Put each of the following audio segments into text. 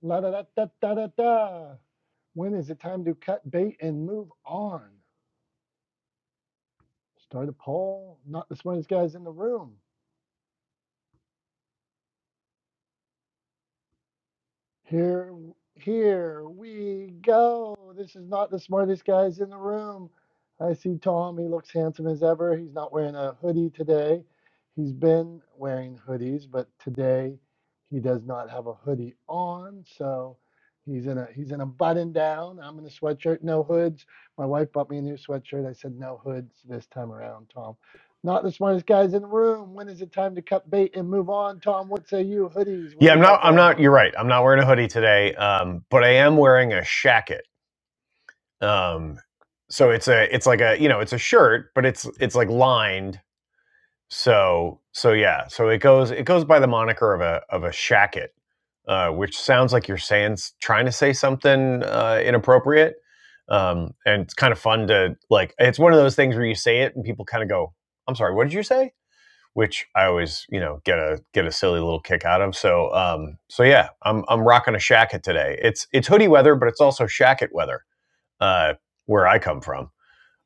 La da da da da da da. When is it time to cut bait and move on? Start a poll. Not the smartest guys in the room. Here, here we go. This is not the smartest guys in the room. I see Tom. He looks handsome as ever. He's not wearing a hoodie today. He's been wearing hoodies, but today he does not have a hoodie on. So he's in a he's in a button down. I'm in a sweatshirt, no hoods. My wife bought me a new sweatshirt. I said no hoods this time around, Tom. Not the smartest guys in the room. When is it time to cut bait and move on, Tom? What say you? Hoodies, what Yeah, do you I'm got not. I'm going not. on? You're right. I'm not wearing a hoodie today, um, but I am wearing a shacket. Um, so it's a. It's like a. You know, it's a shirt, but it's it's like lined. So so yeah. So it goes it goes by the moniker of a of a shacket, uh, which sounds like you're saying s- trying to say something uh, inappropriate. Um, and it's kind of fun to like. It's one of those things where you say it and people kind of go, "I'm sorry, what did you say?" which I always, you know, get a get a silly little kick out of. So, um, so yeah, I'm I'm rocking a shacket today. It's it's hoodie weather, but it's also shacket weather uh, where I come from,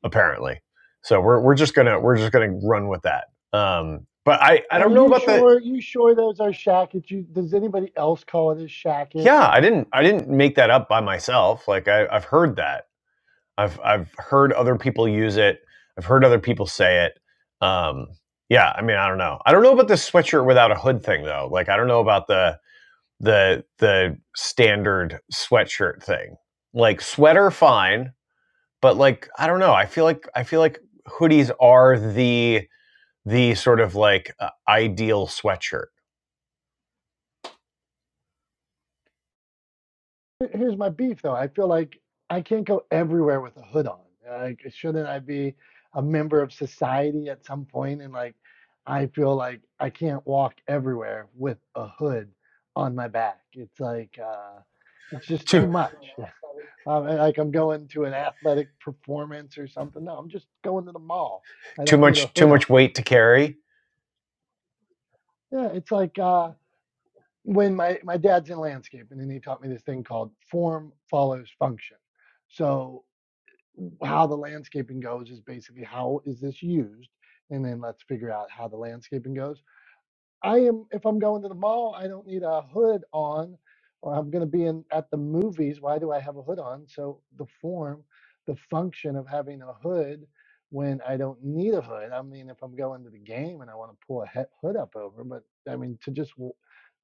apparently. So we're we're just gonna we're just gonna run with that. Um, but I I Are don't know you about the sure? You sure those are shackets? You, does anybody else call it a shacket? yeah I didn't I didn't make that up by myself. Like I, I've heard that I've I've heard other people use it. I've heard other people say it. Um, yeah, I mean I don't know. I don't know about the sweatshirt without a hood thing though. Like I don't know about the the the standard sweatshirt thing. Like sweater fine, but like I don't know, I feel like I feel like hoodies are the the sort of like uh, ideal sweatshirt. Here- Here's my beef, though. I feel like I can't go everywhere with a hood on. Like, shouldn't I be a member of society at some point? And like, I feel like I can't walk everywhere with a hood on my back. It's like uh, it's just too Too much. Um, and, like I'm going to an athletic performance or something. No, I'm just going to the mall. I too don't need a much too hood on. much weight to carry. Yeah, it's like. Uh, when my my dad's in landscaping and then he taught me this thing called form follows function so how the landscaping goes is basically how is this used and then let's figure out how the landscaping goes i am if i'm going to the mall i don't need a hood on or i'm going to be in at the movies why do i have a hood on so the form the function of having a hood when i don't need a hood i mean if i'm going to the game and i want to pull a he- hood up over but i mean to just w-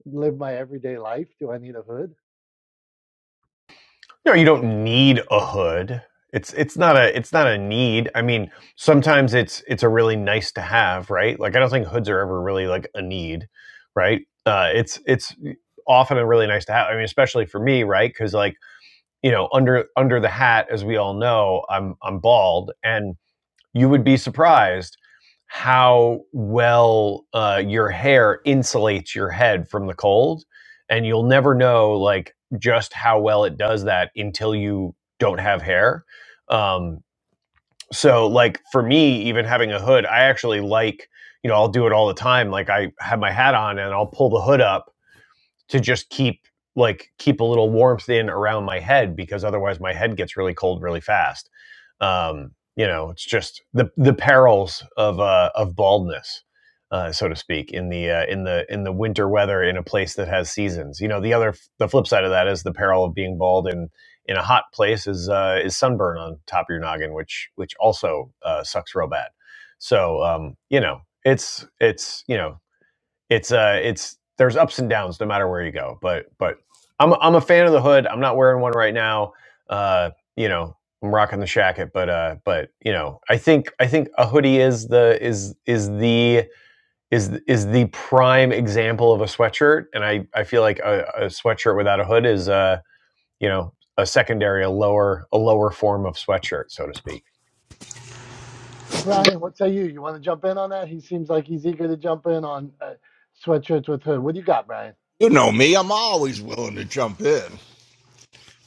live my everyday life. Do I need a hood? No, you don't need a hood. It's it's not a it's not a need. I mean, sometimes it's it's a really nice to have, right? Like I don't think hoods are ever really like a need, right? Uh, it's it's often a really nice to have. I mean, especially for me, right? Because like you know, under under the hat, as we all know, I'm I'm bald, and you would be surprised how well uh, your hair insulates your head from the cold and you'll never know like just how well it does that until you don't have hair um, so like for me even having a hood i actually like you know i'll do it all the time like i have my hat on and i'll pull the hood up to just keep like keep a little warmth in around my head because otherwise my head gets really cold really fast. Um, you know, it's just the the perils of uh, of baldness, uh, so to speak, in the uh, in the in the winter weather in a place that has seasons. You know, the other the flip side of that is the peril of being bald in in a hot place is uh, is sunburn on top of your noggin, which which also uh, sucks real bad. So um, you know, it's it's you know it's uh it's there's ups and downs no matter where you go but but i'm i i'm a fan of the hood i'm not wearing one right now uh you know i'm rocking the shacket but uh but you know i think i think a hoodie is the is is the is is the prime example of a sweatshirt and i i feel like a, a sweatshirt without a hood is uh you know a secondary a lower a lower form of sweatshirt so to speak Brian, what say you? You want to jump in on that? He seems like he's eager to jump in on uh, sweatshirts with hood. What do you got, Brian? You know me, I'm always willing to jump in.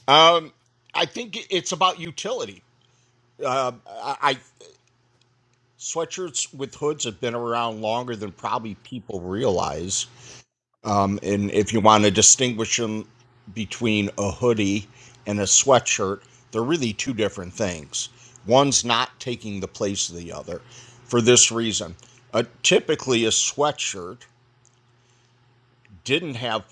Um, I think it's about utility. I, I sweatshirts with hoods have been around longer than probably people realize. Um, and if you want to distinguish them between a hoodie and a sweatshirt, they're really two different things. One's not taking the place of the other for this reason. Uh, typically, a sweatshirt didn't have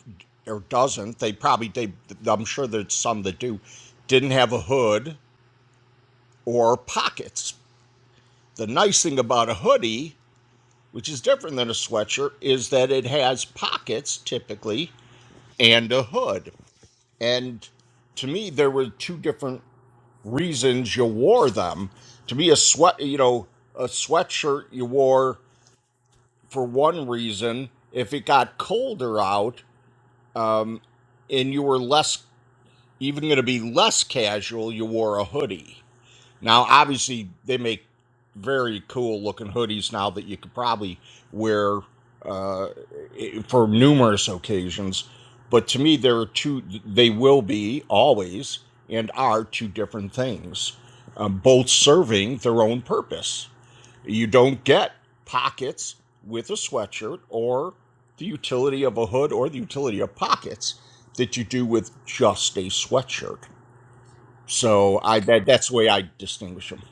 or doesn't. They probably they I'm sure there's some that do didn't have a hood or pockets. The nice thing about a hoodie, which is different than a sweatshirt, is that it has pockets typically and a hood. And to me, there were two different reasons you wore them. To me, a sweat, you know, a sweatshirt you wore for one reason. If it got colder out, um, and you were less even going to be less casual, you wore a hoodie. Now, obviously, they make very cool looking hoodies now that you could probably wear uh, i- for numerous occasions. But to me, there are two, they will be always and are two different things, um, both serving their own purpose. You don't get pockets with a sweatshirt or the utility of a hood or the utility of pockets that you do with just a sweatshirt. So I that that's the way I distinguish them.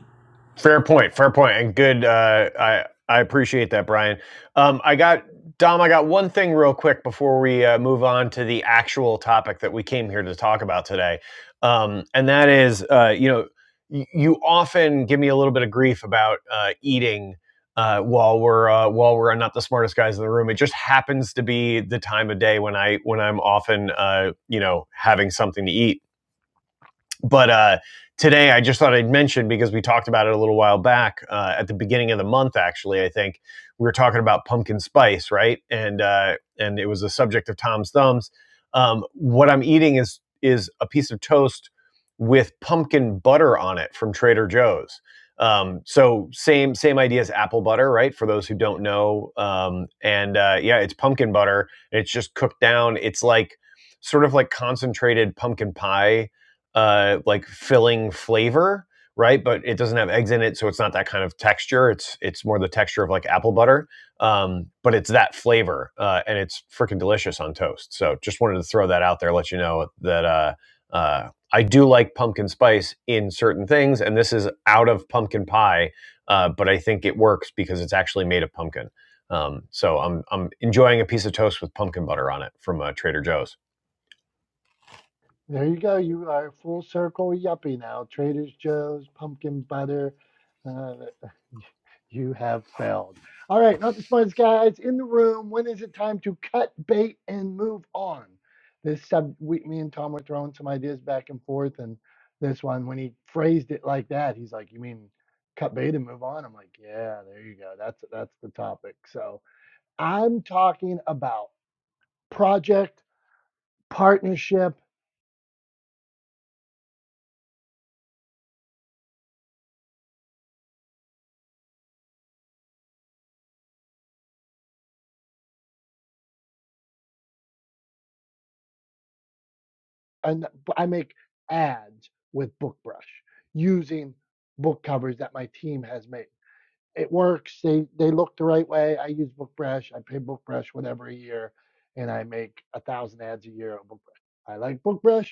Fair point. Fair point, and good. Uh, I I appreciate that, Brian. Um, I got Dom. I got one thing real quick before we uh, move on to the actual topic that we came here to talk about today, um, and that is, uh, you know, y- you often give me a little bit of grief about uh, eating. Uh, while we're uh, while we're not the smartest guys in the room, it just happens to be the time of day when I when I'm often uh, you know having something to eat but uh, today I just thought I'd mention because we talked about it a little while back uh, at the beginning of the month. Actually, I think we were talking about pumpkin spice, right? And uh, and it was a subject of Tom's thumbs. Um, what I'm eating is is a piece of toast with pumpkin butter on it from Trader Joe's. Um, so same same idea as apple butter, right? For those who don't know, um, and uh, yeah, it's pumpkin butter. And it's just cooked down. It's like sort of like concentrated pumpkin pie uh, like filling flavor, right? But it doesn't have eggs in it, so it's not that kind of texture. It's it's more the texture of like apple butter, um, but it's that flavor, uh, and it's freaking delicious on toast. So just wanted to throw that out there, let you know that uh, uh, I do like pumpkin spice in certain things, and this is out of pumpkin pie, uh, but I think it works because it's actually made of pumpkin. Um, so I'm I'm enjoying a piece of toast with pumpkin butter on it from uh, Trader Joe's. There you go. You are full circle yuppie now. Trader Joe's, pumpkin butter. Uh, you have failed. All right, not the smartest guys in the room. When is it time to cut bait and move on? This sub, we, me and Tom were throwing some ideas back and forth, and this one, when he phrased it like that, he's like, "You mean cut bait and move on?" I'm like, "Yeah, there you go. That's that's the topic." So I'm talking about project partnership and I make ads with BookBrush using book covers that my team has made. It works. They they look the right way. I use BookBrush. I pay BookBrush whatever a year, and I make a thousand ads a year on BookBrush. I like BookBrush.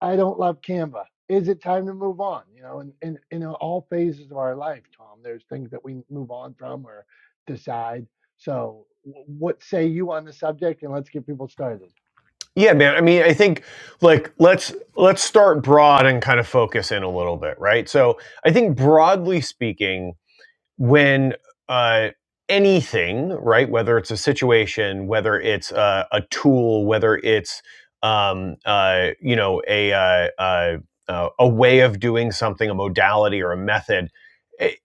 I don't love Canva. Is it time to move on? You know, in in, in all phases of our life, Tom, there's things that we move on from or decide. So, what say you on the subject? And let's get people started. Yeah, man. I mean, I think like let's let's start broad and kind of focus in a little bit, right? So, I think broadly speaking, when uh anything, right, whether it's a situation, whether it's uh, a tool, whether it's um uh you know, a uh, uh uh, a way of doing something, a modality or a method, i-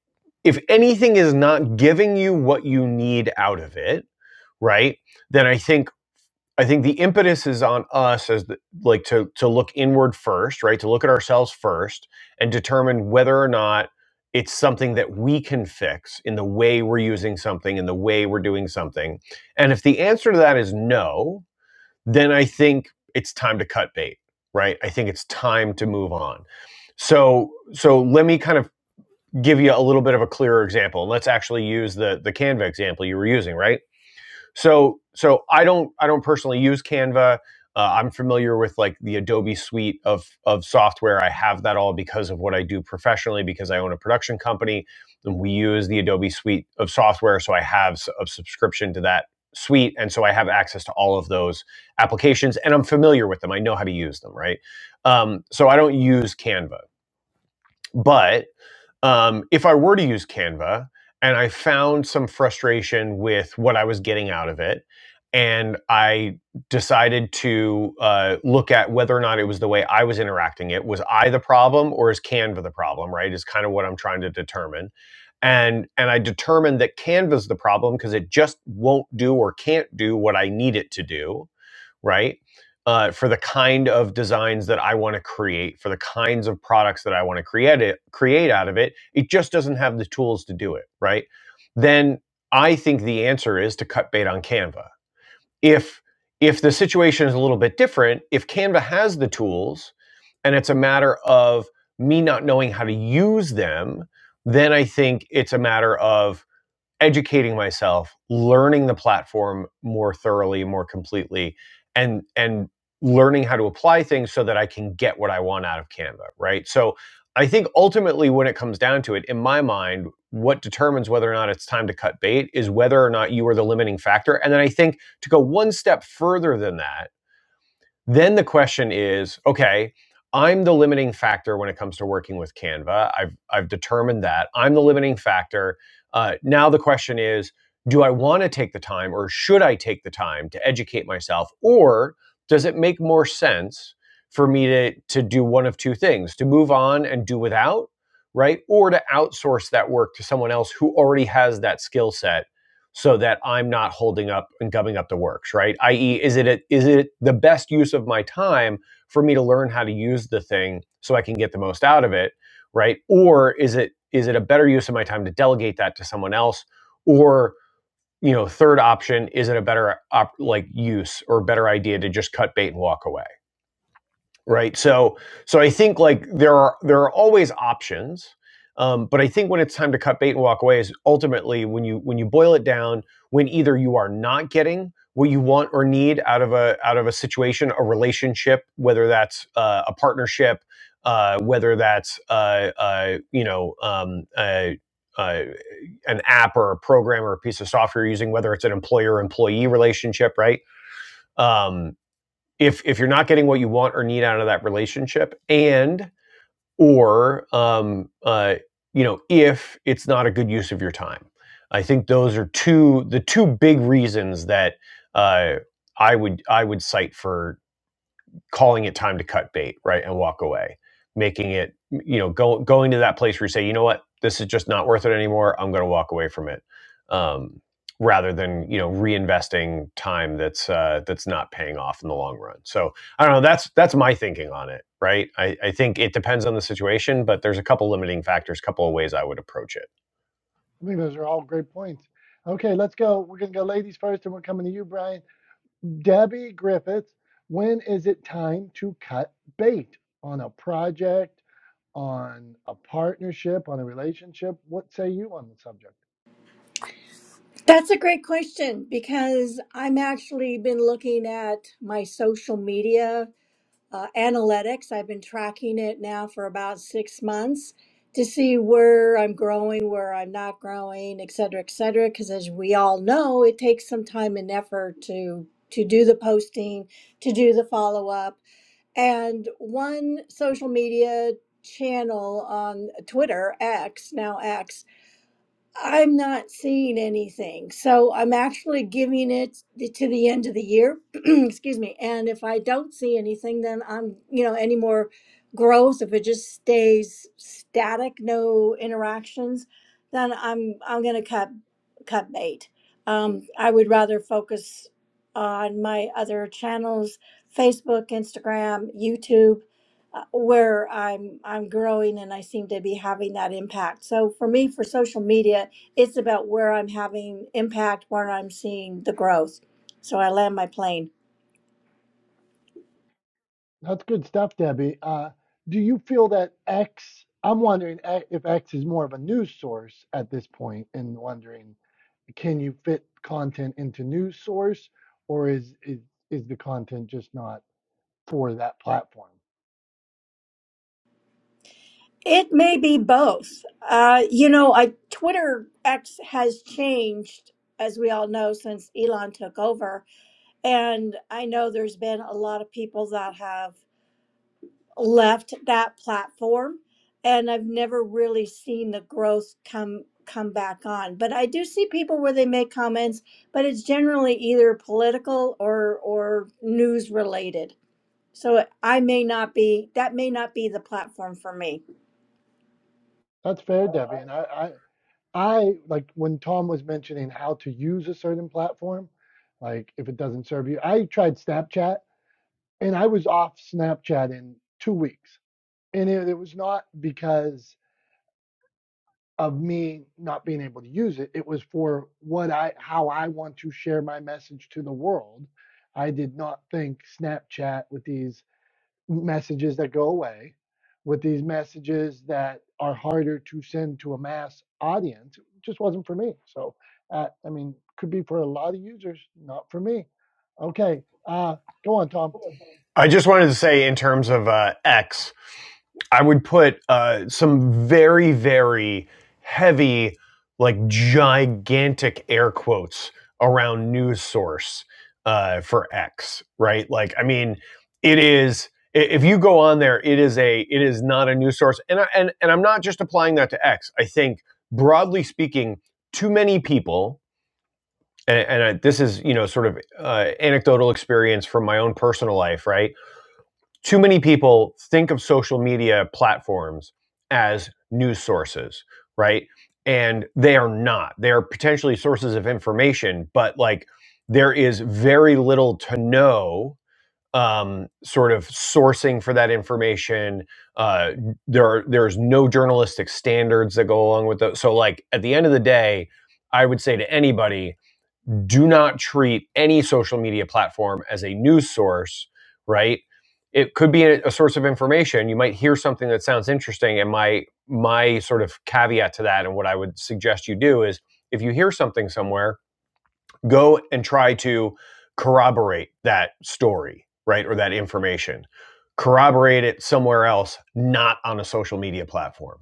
if anything is not giving you what you need out of it, right? Then I think I think the impetus is on us as the, like to to look inward first, right? To look at ourselves first and determine whether or not it's something that we can fix in the way we're using something, in the way we're doing something. And if the answer to that is no, then I think it's time to cut bait, right? I think it's time to move on. So so let me kind of give you a little bit of a clearer example. Let's actually use the the Canva example you were using, right? So so I don't I don't personally use Canva. Uh, I'm familiar with like the Adobe suite of of software. I have that all because of what I do professionally because I own a production company and we use the Adobe suite of software. So I have a subscription to that suite and so I have access to all of those applications and I'm familiar with them. I know how to use them, right? Um, so I don't use Canva, but um, if I were to use Canva and I found some frustration with what I was getting out of it, and I decided to uh, look at whether or not it was the way I was interacting it. Was I the problem or is Canva the problem, right? Is kind of what I'm trying to determine. And, and I determined that Canva's the problem because it just won't do or can't do what I need it to do right? Uh, for the kind of designs that I want to create, for the kinds of products that I want to create it, create out of it, it just doesn't have the tools to do it, right? Then I think the answer is to cut bait on Canva. If if the situation is a little bit different, if Canva has the tools, and it's a matter of me not knowing how to use them, then I think it's a matter of educating myself, learning the platform more thoroughly, more completely, and and learning how to apply things so that I can get what I want out of Canva, right? So I think ultimately when it comes down to it, in my mind, what determines whether or not it's time to cut bait is whether or not you are the limiting factor. And then I think to go one step further than that, then the question is, okay, I'm the limiting factor when it comes to working with Canva. I've I've determined that I'm the limiting factor. Uh, now the question is, do I want to take the time, or should I take the time to educate myself, or does it make more sense for me to to do one of two things: to move on and do without, right, or to outsource that work to someone else who already has that skill set so that I'm not holding up and gumming up the works, right? I.e., is is it a, is it the best use of my time for me to learn how to use the thing so I can get the most out of it, right? Or is it is it a better use of my time to delegate that to someone else? Or you know, third option, is it a better op, like use or better idea to just cut bait and walk away? right? So so I think like there are there are always options, um, but I think when it's time to cut bait and walk away is ultimately when you when you boil it down when either you are not getting what you want or need out of a out of a situation, a relationship, whether that's uh, a partnership, uh, whether that's uh, uh, you know um, uh, uh, an app or a program or a piece of software you're using, whether it's an employer employee relationship, right? Um, if if you're not getting what you want or need out of that relationship and or um uh you know if it's not a good use of your time i think those are two the two big reasons that uh i would i would cite for calling it time to cut bait, right, and walk away, making it, you know, go, going to that place where you say, you know what, this is just not worth it anymore. I'm going to walk away from it, um, rather than you know reinvesting time that's uh, that's not paying off in the long run. So I don't know. That's that's my thinking on it, right? I, I think it depends on the situation, but there's a couple limiting factors, couple of ways I would approach it. I think those are all great points. Okay, let's go. We're going to go ladies first, and we're coming to you, Brian. Debbie Griffiths, when is it time to cut bait on a project, on a partnership, on a relationship? What say you on the subject? That's a great question because I'm actually been looking at my social media uh, analytics. I've been tracking it now for about six months to see where I'm growing, where I'm not growing, et cetera, et cetera. Because as we all know, it takes some time and effort to to do the posting, to do the follow up, and one social media channel on Twitter X now X I'm not seeing anything. So I'm actually giving it th- to the end of the year. Excuse me. And if I don't see anything, then I'm, you know, any more growth, if it just stays static, no interactions, then I'm I'm gonna cut cut bait. Um, I would rather focus on my other channels, Facebook, Instagram, YouTube, uh, where I'm I'm growing and I seem to be having that impact. So for me, for social media, it's about where I'm having impact, where I'm seeing the growth. So I land my plane. That's good stuff, Debbie. Uh, do you feel that X? I'm wondering a- if X is more of a news source at this point, and wondering can you fit content into news source, or is is, is the content just not for that platform? It may be both. Uh, you know, I Twitter X has changed, as we all know, since Elon took over, and I know there's been a lot of people that have left that platform and I've never really seen the growth come come back on. But I do see people where they make comments, but it's generally either political or or news related. So I may not be that may not be the platform for me. That's fair, Debbie. And I, I, I like when Tom was mentioning how to use a certain platform, like if it doesn't serve you, I tried Snapchat and I was off Snapchat in two weeks. And it, it was not because of me not being able to use it. It was for what I, how I want to share my message to the world. I did not think Snapchat with these messages that go away with these messages that are harder to send to a mass audience it just wasn't for me so uh, i mean could be for a lot of users not for me okay uh, go on tom I just wanted to say, in terms of uh, X, I would put uh, some very, very heavy, like gigantic air quotes around news source uh, for X, right? Like, I mean, it is. If you go on there, it is a, it is not a news source, and I, and and I'm not just applying that to X. I think broadly speaking, too many people, and, and I, this is you know sort of uh, anecdotal experience from my own personal life, right? too many people think of social media platforms as news sources, right? And they are not. They are potentially sources of information, but like there is very little to no um, sort of sourcing for that information. Uh, there are there's no journalistic standards that go along with those. So like at the end of the day, I would say to anybody do not treat any social media platform as a news source, right? It could be a, a source of information. You might hear something that sounds interesting, and my my sort of caveat to that, and what I would suggest you do is, if you hear something somewhere go and try to corroborate that story, right? Or that information. Corroborate it somewhere else, not on a social media platform.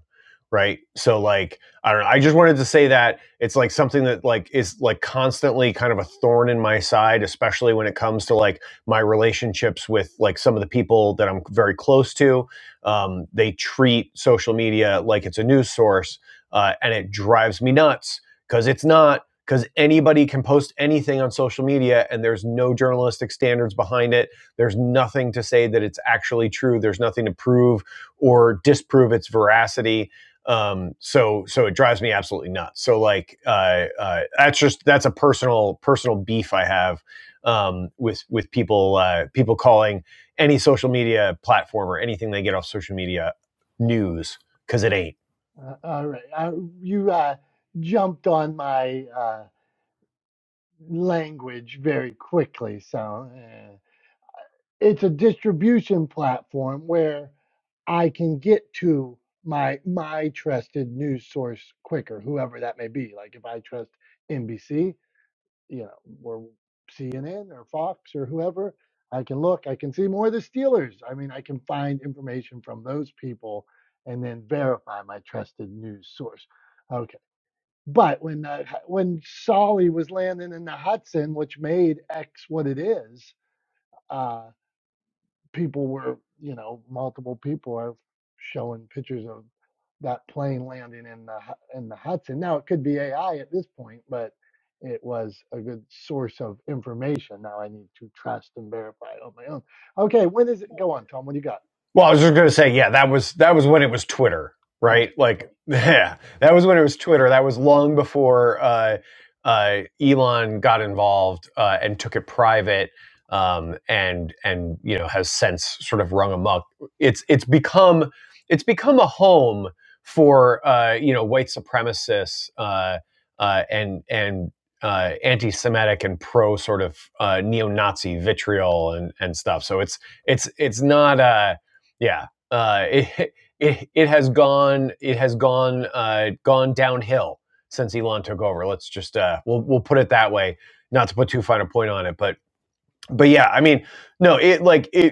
Right. So like I don't know. I just wanted to say that it's like something that like is like constantly kind of a thorn in my side, especially when it comes to like my relationships with like some of the people that I'm very close to. Um, they treat social media like it's a news source, uh, and it drives me nuts because it's not because anybody can post anything on social media and there's no journalistic standards behind it. There's nothing to say that it's actually true. There's nothing to prove or disprove its veracity. Um, so so it drives me absolutely nuts. So like uh, uh, that's just that's a personal personal beef I have um, with with people uh, people calling any social media platform or anything they get off social media news because it ain't. uh, all right uh, you uh, jumped on my uh, language very quickly so Uh, it's a distribution platform where I can get to my my trusted news source quicker, whoever that may be. Like if I trust NBC, you know, or CNN or Fox or whoever, I can look, I can see more of the Steelers. I mean, I can find information from those people and then verify my trusted news source. Okay. But when uh, when Solly was landing in the Hudson, which made X what it is, uh, people were, you know, multiple people are showing pictures of that plane landing in the Hu- in the Hudson. Now it could be AI at this point, but it was a good source of information. Now I need to trust and verify it on my own. Okay, when is it? Go on, Tom. What do you got? Well, I was just gonna say, yeah, that was that was when it was Twitter, right? Like, yeah, that was when it was Twitter. That was long before uh, uh, Elon got involved uh, and took it private, um, and and you know has since sort of rung amok. It's it's become it's become a home for uh, you know white supremacists uh, uh, and and. Uh, anti-Semitic and pro sort of uh, neo-Nazi vitriol and, and stuff. So it's it's it's not a yeah uh, it, it it has gone it has gone uh, gone downhill since Elon took over. Let's just uh, we'll we'll put it that way, not to put too fine a point on it, but but yeah, I mean, no, it like it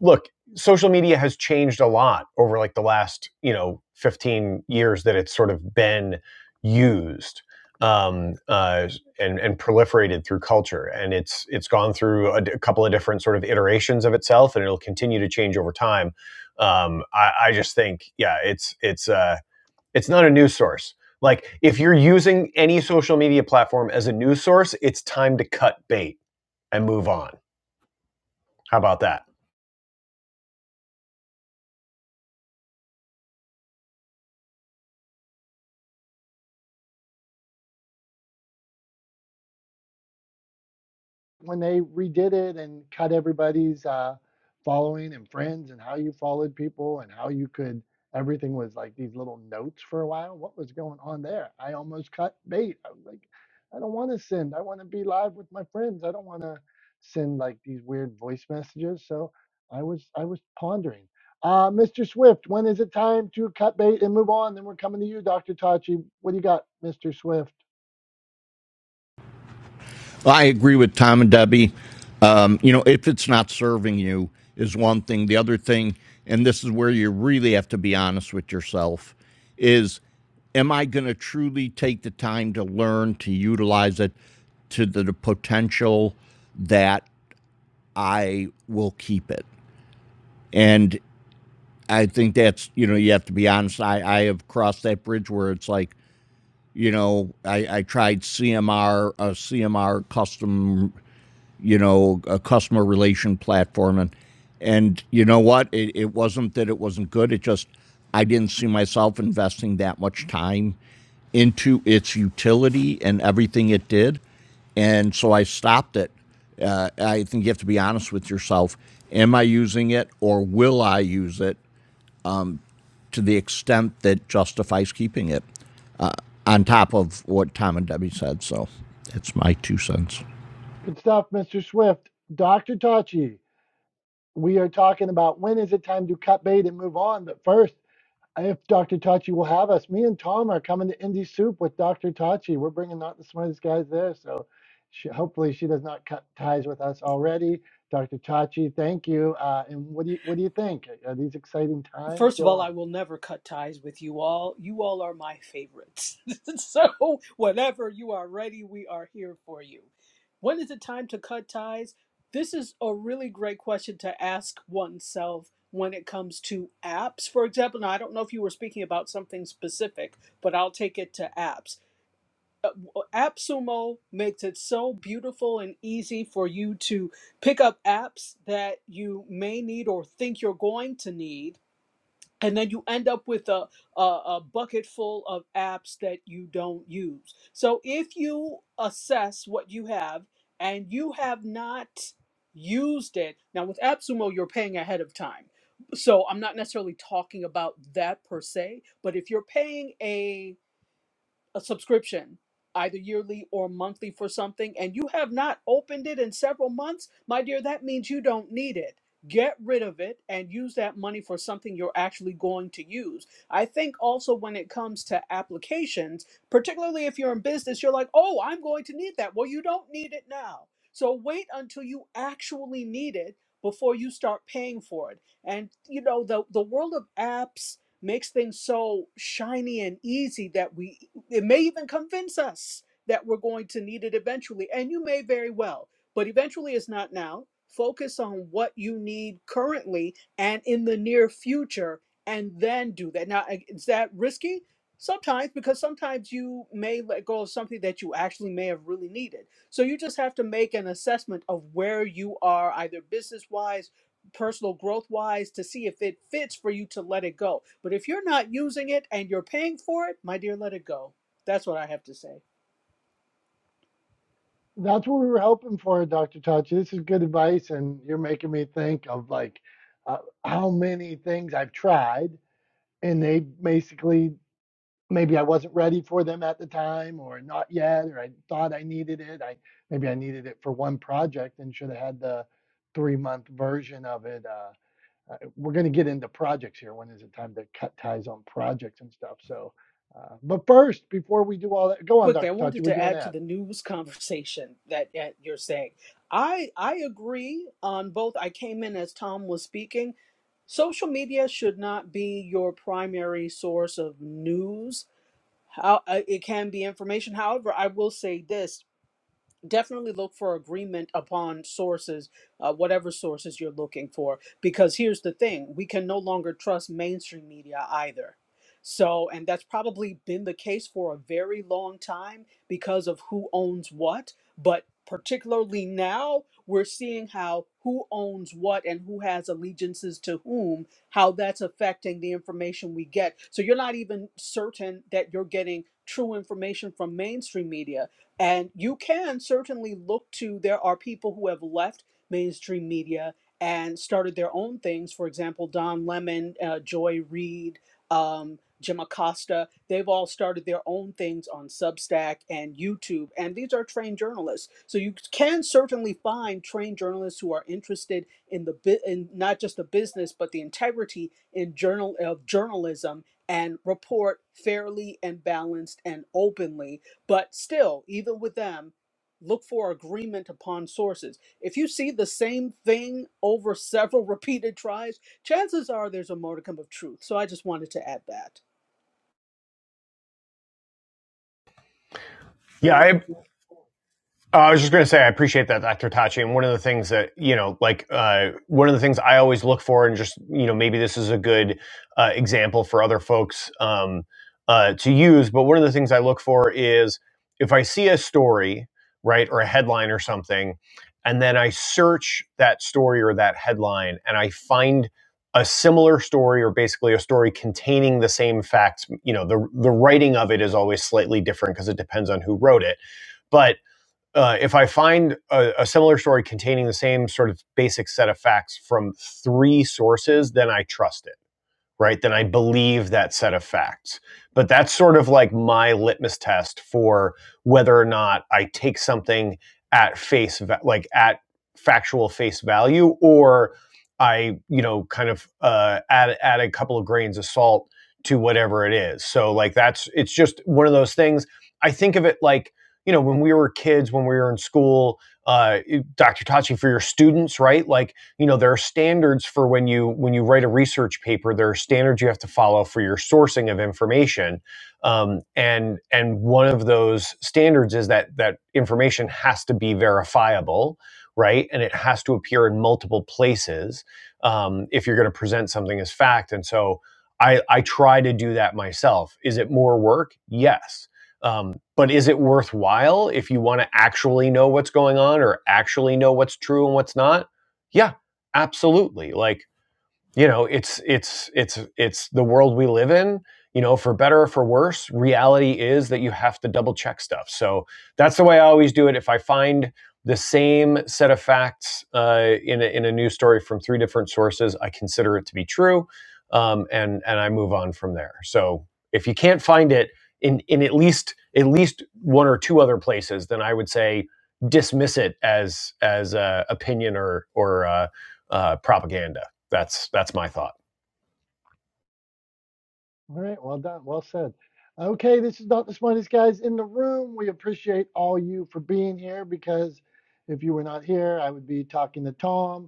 look, social media has changed a lot over like the last, you know, 15 years that it's sort of been used um, uh, and and proliferated through culture, and it's it's gone through a a couple of different sort of iterations of itself, and it'll continue to change over time. Um, I, I just think, yeah, it's it's uh, it's not a news source. Like if you're using any social media platform as a news source, it's time to cut bait and move on. How about that? when they redid it and cut everybody's uh, following and friends and how you followed people and how you could everything was like these little notes for a while what was going on there i almost cut bait i was like i don't want to send i want to be live with my friends i don't want to send like these weird voice messages so i was i was pondering uh, mr swift when is it time to cut bait and move on then we're coming to you dr tachi what do you got mr swift Well, I agree with Tom and Debbie. Um, you know, if it's not serving you is one thing. The other thing, and this is where you really have to be honest with yourself, is am I going to truly take the time to learn to utilize it to the, the potential that I will keep it? And I think that's, you know, you have to be honest. I, I have crossed that bridge where it's like, you know, I, I tried C M R a C M R custom, you know, a customer relation platform, and and you know what? It, it wasn't that it wasn't good. It just I didn't see myself investing that much time into its utility and everything it did, and so I stopped it. Uh, I think you have to be honest with yourself. Am I using it, or will I use it? to the extent that justifies keeping it, uh, on top of what Tom and Debbie said. So that's my two cents. good stuff mr swift dr tachi we are talking about when is it time to cut bait and move on. But first, if Dr. Tachi will have us, me and Tom are coming to Indie Soup with Dr. Tachi. We're bringing out the smartest guys there. So she, hopefully she does not cut ties with us already. Dr. Tachi, thank you. Uh, and what do you what do you think? Are these exciting times? First of Go all, I on. will never cut ties with you all. You all are my favorites. so, whenever you are ready, we are here for you. When is it time to cut ties? This is a really great question to ask oneself when it comes to apps. For example, now I don't know if you were speaking about something specific, but I'll take it to apps. Uh, AppSumo makes it so beautiful and easy for you to pick up apps that you may need or think you're going to need and then you end up with a, a, a bucket full of apps that you don't use. So if you assess what you have and you have not used it, now with AppSumo, you're paying ahead of time. So I'm not necessarily talking about that per se, but if you're paying a a subscription, either yearly or monthly for something, and you have not opened it in several months, my dear, that means you don't need it. Get rid of it and use that money for something you're actually going to use. I think also when it comes to applications, particularly if you're in business, you're like, oh, I'm going to need that. Well, you don't need it now. So wait until you actually need it before you start paying for it. And you know, the the world of apps makes things so shiny and easy that we it may even convince us that we're going to need it eventually and you may very well but eventually is not now focus on what you need currently and in the near future and then do that now is that risky sometimes because sometimes you may let go of something that you actually may have really needed so you just have to make an assessment of where you are either business wise personal growth wise to see if it fits for you to let it go but if you're not using it and you're paying for it my dear let it go that's what I have to say. That's what we were hoping for, Dr. Tachi. This is good advice, and you're making me think of like uh, how many things I've tried and they basically maybe I wasn't ready for them at the time or not yet or I thought I needed it. I maybe I needed it for one project and should have had the three month version of it. Uh, uh, we're going to get into projects here. When is it time to cut ties on projects and stuff? So, uh, but first, before we do all that, go on, Quickly, I Dr. Tachi. wanted What do to you want add to to add? the news conversation that, that you're saying. I I agree on both. I came in as Tom was speaking. Social media should not be your primary source of news. How uh, it can be information. However, I will say this. definitely look for agreement upon sources, uh, whatever sources you're looking for. Because here's the thing we can no longer trust mainstream media either. So, and that's probably been the case for a very long time because of who owns what. But particularly now, we're seeing how who owns what and who has allegiances to whom, how that's affecting the information we get. So, you're not even certain that you're getting true information from mainstream media and you can certainly look to, there are people who have left mainstream media and started their own things. For example, Don Lemon, uh, Joy Reid, um, Jim Acosta, they've all started their own things on Substack and YouTube. And these are trained journalists. So you can certainly find trained journalists who are interested in the bu- in not just the business, but the integrity in journal of journalism and report fairly and balanced and openly but still, even with them, look for agreement upon sources. If you see the same thing over several repeated tries, chances are there's a modicum of truth. So I just wanted to add that. Yeah, I, Uh, I was just going to say, I appreciate that, Dr. Tachi. And one of the things that, you know, like uh, one of the things I always look for, and just, you know, maybe this is a good uh, example for other folks um, uh, to use, but one of the things I look for is if I see a story, right, or a headline or something, and then I search that story or that headline and I find a similar story or basically a story containing the same facts, you know, the, the writing of it is always slightly different because it depends on who wrote it. But uh, if I find a, a similar story containing the same sort of basic set of facts from three sources, then I trust it right, then I believe that set of facts. But that's sort of like my litmus test for whether or not I take something at face, like at factual face value, or I, you know, kind of uh, add add a couple of grains of salt to whatever it is. So like that's it's just one of those things. I think of it like you know when we were kids, when we were in school, uh, Dr. Tachi for your students, right? Like you know there are standards for when you when you write a research paper there are standards you have to follow for your sourcing of information um, and and one of those standards is that that information has to be verifiable right and it has to appear in multiple places um, if you're going to present something as fact and so I, I try to do that myself is it more work yes um, but is it worthwhile if you want to actually know what's going on or actually know what's true and what's not? yeah absolutely like you know it's it's it's it's the world we live in you know for better or for worse reality is that you have to double check stuff so that's the way i always do it if i find the same set of facts uh, in, a, in a news story from three different sources i consider it to be true um, and and i move on from there so if you can't find it in in at least at least one or two other places then i would say dismiss it as as uh, opinion or or uh, uh, propaganda that's that's my thought. All right, well done, well said. Okay, this is not the smartest guys in the room. We appreciate all you for being here because if you were not here, I would be talking to Tom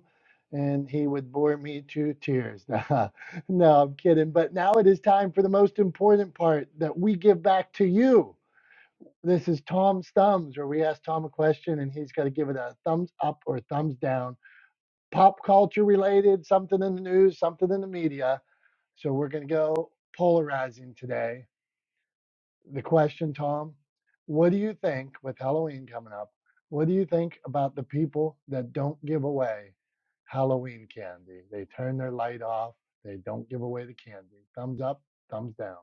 and he would bore me to tears. no, I'm kidding. But now it is time for the most important part that we give back to you. This is Tom's Thumbs, where we ask Tom a question and he's got to give it a thumbs up or thumbs down. Pop culture related, something in the news, something in the media. So we're going to go polarizing today the question, Tom. What do you think with Halloween coming up? What do you think about the people that don't give away Halloween candy? They turn their light off. They don't give away the candy. Thumbs up, thumbs down.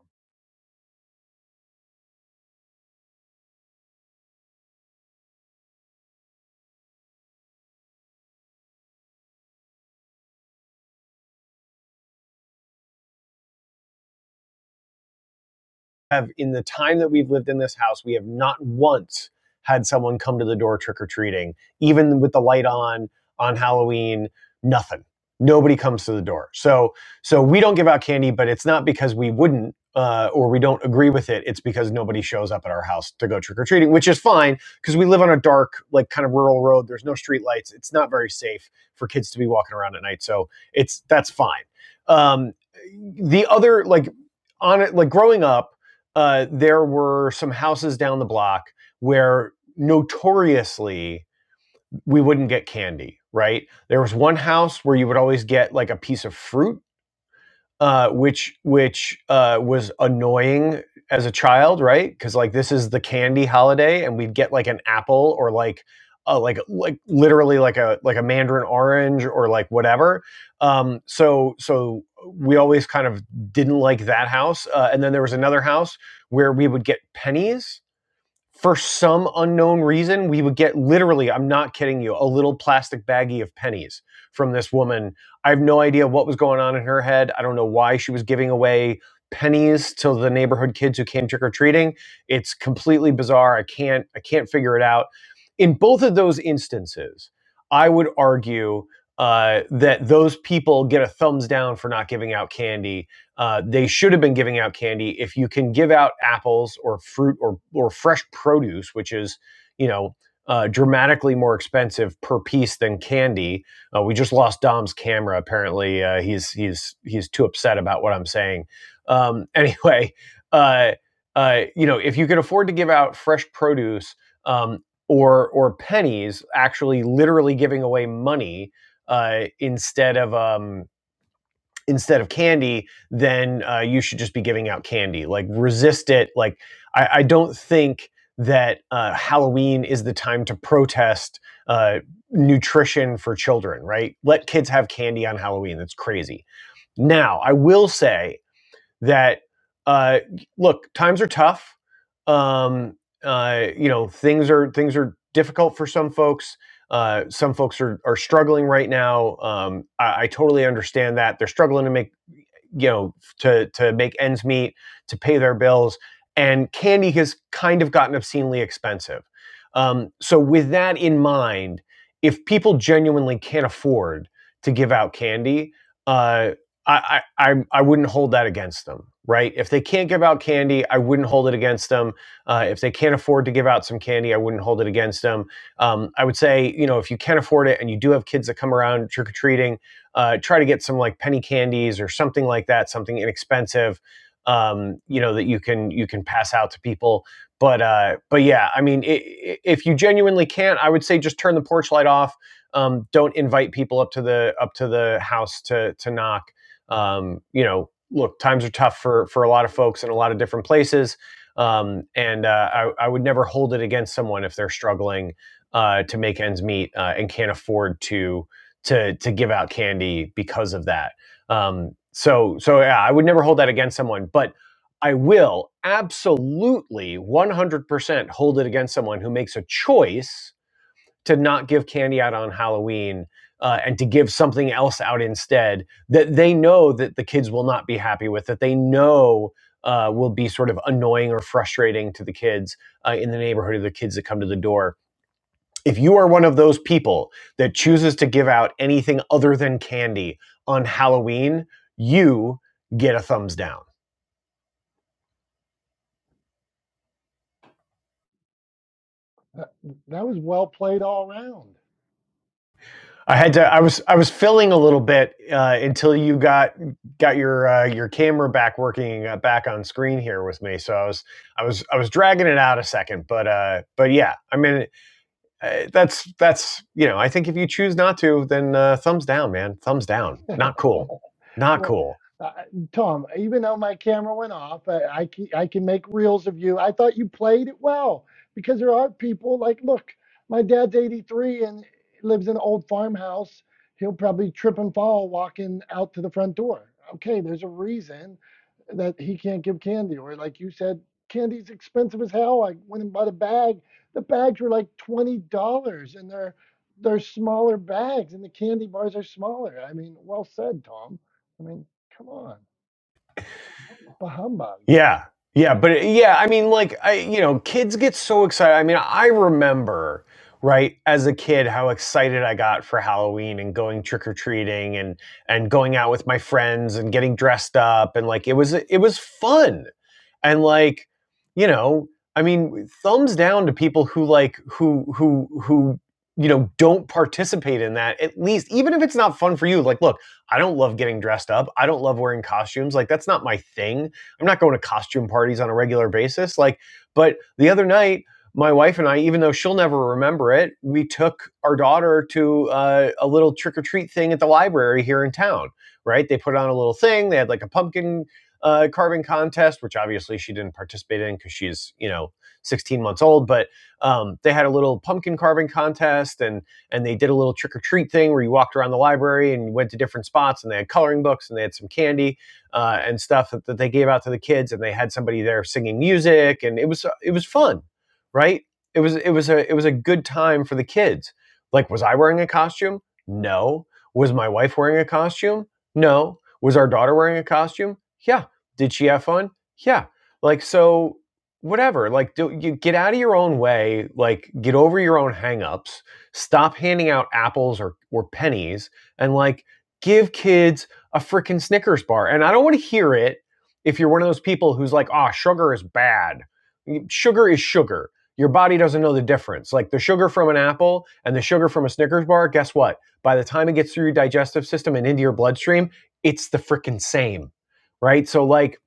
have, in the time that we've lived in this house, we have not once had someone come to the door trick or treating, even with the light on on Halloween, nothing. Nobody comes to the door. So, so we don't give out candy, but it's not because we wouldn't uh, or we don't agree with it. It's because nobody shows up at our house to go trick or treating, which is fine because we live on a dark, like kind of rural road. There's no street lights. It's not very safe for kids to be walking around at night. So it's that's fine. Um, the other, like on it, like growing up, uh, there were some houses down the block where notoriously we wouldn't get candy, right? There was one house where you would always get like a piece of fruit uh, which which uh, was annoying as a child, right? Because like this is the candy holiday, and we'd get like an apple or like uh, like like literally like a like a mandarin orange or like whatever. Um, so so we always kind of didn't like that house. Uh, and then there was another house where we would get pennies for some unknown reason, we would get literally, I'm not kidding you, a little plastic baggie of pennies from this woman. I have no idea what was going on in her head. I don't know why she was giving away pennies to the neighborhood kids who came trick or treating. It's completely bizarre. I can't I can't figure it out. In both of those instances, I would argue uh, that those people get a thumbs down for not giving out candy uh, they should have been giving out candy. If you can give out apples or fruit or or fresh produce, which is you know uh, dramatically more expensive per piece than candy. Uh, we just lost Dom's camera. Apparently, uh, he's he's he's too upset about what I'm saying. Um, anyway, uh, uh, you know, if you can afford to give out fresh produce um, or or pennies, actually, literally giving away money uh, instead of um, instead of candy, then uh, you should just be giving out candy. Like resist it. Like I, I don't think that uh, Halloween is the time to protest uh, nutrition for children. Right? Let kids have candy on Halloween. That's crazy. Now I will say that uh, look, times are tough. Um, uh, you know, things are things are difficult for some folks. Uh, some folks are, are struggling right now. Um, I, I totally understand that they're struggling to make you know to to make ends meet to pay their bills and candy has kind of gotten obscenely expensive um, so with that in mind if people genuinely can't afford to give out candy uh, I, I I- I wouldn't hold that against them right if they can't give out candy i wouldn't hold it against them uh, if they can't afford to give out some candy i wouldn't hold it against them um, i would say you know if you can afford it and you do have kids that come around trick-or-treating uh, try to get some like penny candies or something like that, something inexpensive, um, you know, that you can you can pass out to people. But uh, but yeah, I mean, i if you genuinely can't, I would say just turn the porch light off. Um, don't invite people up to the up to the house to to knock. Um, you know, look, times are tough for for a lot of folks in a lot of different places. Um, and uh, I, I would never hold it against someone if they're struggling uh, to make ends meet uh, and can't afford to to to give out candy because of that. Um, so so yeah, I would never hold that against someone, but I will absolutely 100% hold it against someone who makes a choice to not give candy out on Halloween uh, and to give something else out instead that they know that the kids will not be happy with, that they know uh, will be sort of annoying or frustrating to the kids uh, in the neighborhood or the kids that come to the door if you are one of those people that chooses to give out anything other than candy on Halloween, you get a thumbs down. That, that was well played all around. I had to. I was. I was filling a little bit uh, until you got got your uh, your camera back working uh, back on screen here with me. So I was. I was. I was dragging it out a second, but uh, but yeah. I mean, uh, that's that's you know. I think if you choose not to, then uh, thumbs down, man. Thumbs down. Not cool. Not Well, cool. uh, Tom, even though my camera went off, I, I can I can make reels of you. I thought you played it well because there are people like, look, my dad's 83 and lives in an old farmhouse. He'll probably trip and fall walking out to the front door. Okay, there's a reason that he can't give candy, or like you said, candy's expensive as hell. I went and bought a bag. The bags were like twenty dollars, and they're they're smaller bags, and the candy bars are smaller. I mean, well said, Tom. I mean, come on, bah humbug. Yeah. Yeah, but it- yeah, I mean like I you know, kids get so excited. I mean, I remember, right, as a kid how excited I got for Halloween and going trick-or-treating and and going out with my friends and getting dressed up and like it was it was fun. And like, you know, I mean, thumbs down to people who like who who who you know, don't participate in that. At least even if it's not fun for you, like look, I don't love getting dressed up. I don't love wearing costumes. Like that's not my thing I'm not going to costume parties on a regular basis. Like, but the other night, my wife and I, even though she'll never remember it, we took our daughter to uh, a little trick or treat thing at the library here in town. Right? They put on a little thing. They had like a pumpkin uh, carving contest, which obviously she didn't participate in because she's you know 16 months old. But um, they had a little pumpkin carving contest, and and they did a little trick or treat thing where you walked around the library and you went to different spots, and they had coloring books and they had some candy uh, and stuff that, that they gave out to the kids, and they had somebody there singing music, and it was it was fun, right? It was it was a it was a good time for the kids. Like, was I wearing a costume? No. Was my wife wearing a costume? No. Was our daughter wearing a costume? Yeah. Did she have fun? Yeah. Like so whatever like do you get out of your own way like get over your own hangups stop handing out apples or or pennies and like give kids a freaking Snickers bar. And I don't want to hear it if you're one of those people who's like, ah, sugar is bad. Mm, Sugar is sugar. Your body doesn't know the difference. Like the sugar from an apple and the sugar from a Snickers bar, guess what? By the time it gets through your digestive system and into your bloodstream, it's the freaking same. Right. So, like,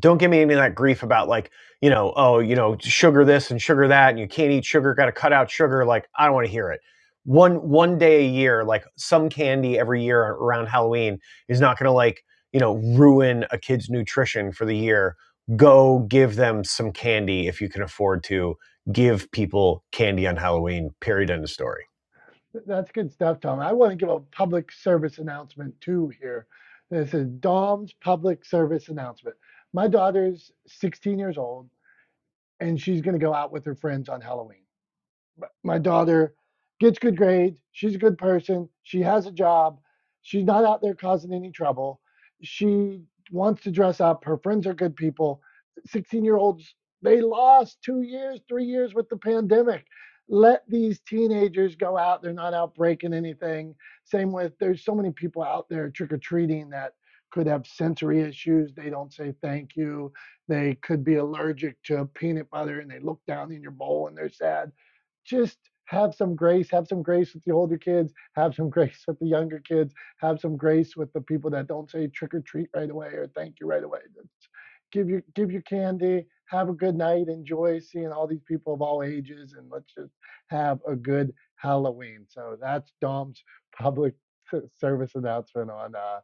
don't give me any of that grief about like you know oh you know sugar this and sugar that and you can't eat sugar got to cut out sugar like i don't want to hear it one one day a year like some candy every year around halloween is not going to like you know ruin a kid's nutrition for the year go give them some candy if you can afford to give people candy on halloween period end of story That's good stuff, Tom. I want to give a public service announcement too here. This is Dom's public service announcement. My daughter's 16 years old, and she's going to go out with her friends on Halloween. m- my daughter gets good grades. She's a good person. She has a job. She's not out there causing any trouble. She wants to dress up. Her friends are good people. 16 year olds, they lost two years, three years with the pandemic. Let these teenagers go out. They're not out breaking anything. Same with there's so many people out there trick or treating that could have sensory issues. They don't say thank you. They could be allergic to peanut butter and they look down in your bowl and they're sad just have some grace have some grace with the older kids have some grace with the younger kids have some grace with the people that don't say trick or treat right away or thank you right away Just give your give your candy have a good night enjoy seeing all these people of all ages and let's just have a good halloween so that's dom's public service announcement on uh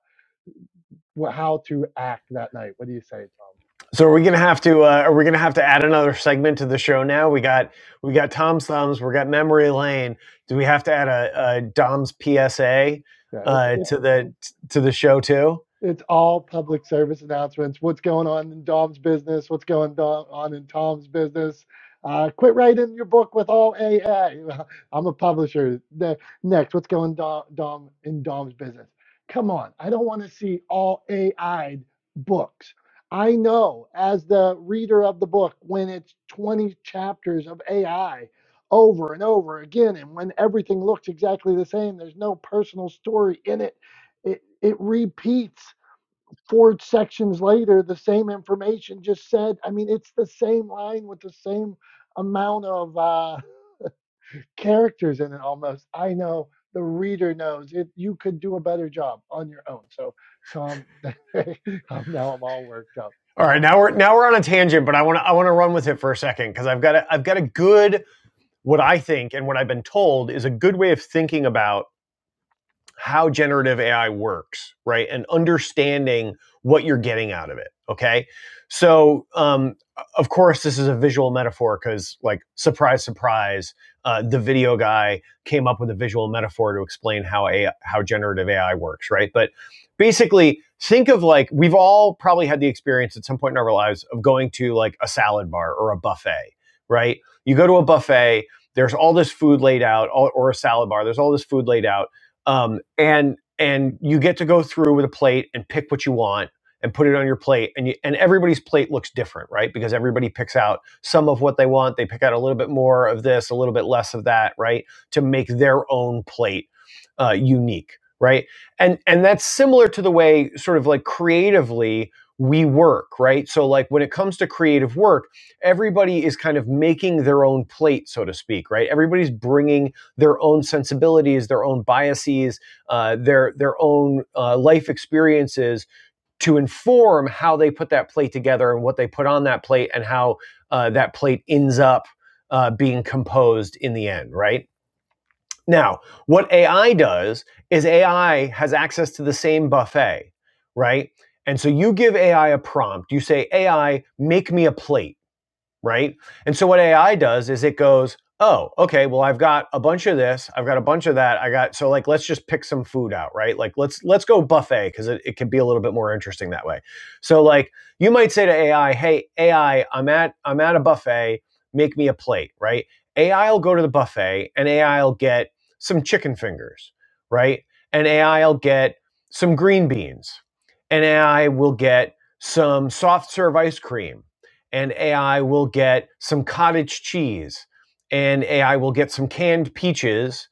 how to act that night what do you say tom So are we gonna have to uh, are we gonna have to add another segment to the show now? We got we got Tom's thumbs, we got memory lane. Do we have to add a, a Dom's PSA yeah it's uh, it's to the to the show too? It's all public service announcements. What's going on in Dom's business? What's going on in Tom's business? Uh, quit writing your book with all AI. I'm a publisher. Ne- Next, what's going Dom, Dom in Dom's business? Come on, I don't want to see all AI books. I know as the reader of the book when it's 20 chapters of AI over and over again, and when everything looks exactly the same, there's no personal story in it it it repeats four sections later, the same information just said, I mean, it's the same line with the same amount of uh, characters in it almost. I know the reader knows it. You could do a better job on your own. So, Tom, now I'm all worked up. All right, now we're now we're on a tangent, but I want to I want to run with it for a second because I've got a, I've got a good what I think and what I've been told is a good way of thinking about how generative AI works, right? And understanding what you're getting out of it. Okay. So, um, of course, this is a visual metaphor because, like, surprise, surprise, uh, the video guy came up with a visual metaphor to explain how AI, how generative AI works, right? But basically, think of like we've all probably had the experience at some point in our lives of going to like a salad bar or a buffet, right? You go to a buffet, there's all this food laid out, or a salad bar, there's all this food laid out um, and and you get to go through with a plate and pick what you want and put it on your plate and you, and everybody's plate looks different right because everybody picks out some of what they want they pick out a little bit more of this a little bit less of that right to make their own plate uh, unique right and and that's similar to the way sort of like creatively we work right so like when it comes to creative work everybody is kind of making their own plate so to speak right everybody's bringing their own sensibilities, their own biases, uh, their their own uh, life experiences to inform how they put that plate together and what they put on that plate and how uh, that plate ends up uh, being composed in the end, right? Now, what AI does is AI has access to the same buffet, right? And so you give AI a prompt. You say, AI, make me a plate right? And so what AI does is it goes, oh, okay, well I've got a bunch of this, I've got a bunch of that, I got so like let's just pick some food out, right? Like let's let's go buffet because it, it can be a little bit more interesting that way. So like you might say to AI, hey AI, I'm at I'm at a buffet, make me a plate, right? AI will go to the buffet and AI will get some chicken fingers, right? And AI will get some green beans, and AI will get some soft serve ice cream and AI will get some cottage cheese, and AI will get some canned peaches,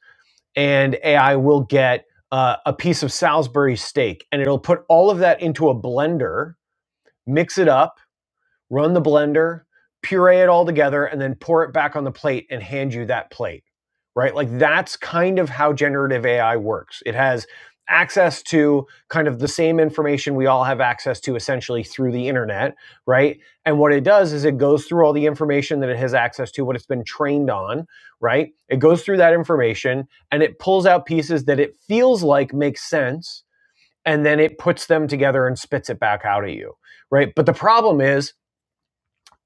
and AI will get uh, a piece of Salisbury steak, and it'll put all of that into a blender, mix it up, run the blender, puree it all together, and then pour it back on the plate and hand you that plate, right? Like that's kind of how generative AI works. It has access to kind of the same information we all have access to essentially through the internet, right? And what it does is it goes through all the information that it has access to, what it's been trained on, right? It goes through that information and it pulls out pieces that it feels like make sense and then it puts them together and spits it back out at you, right? But the problem is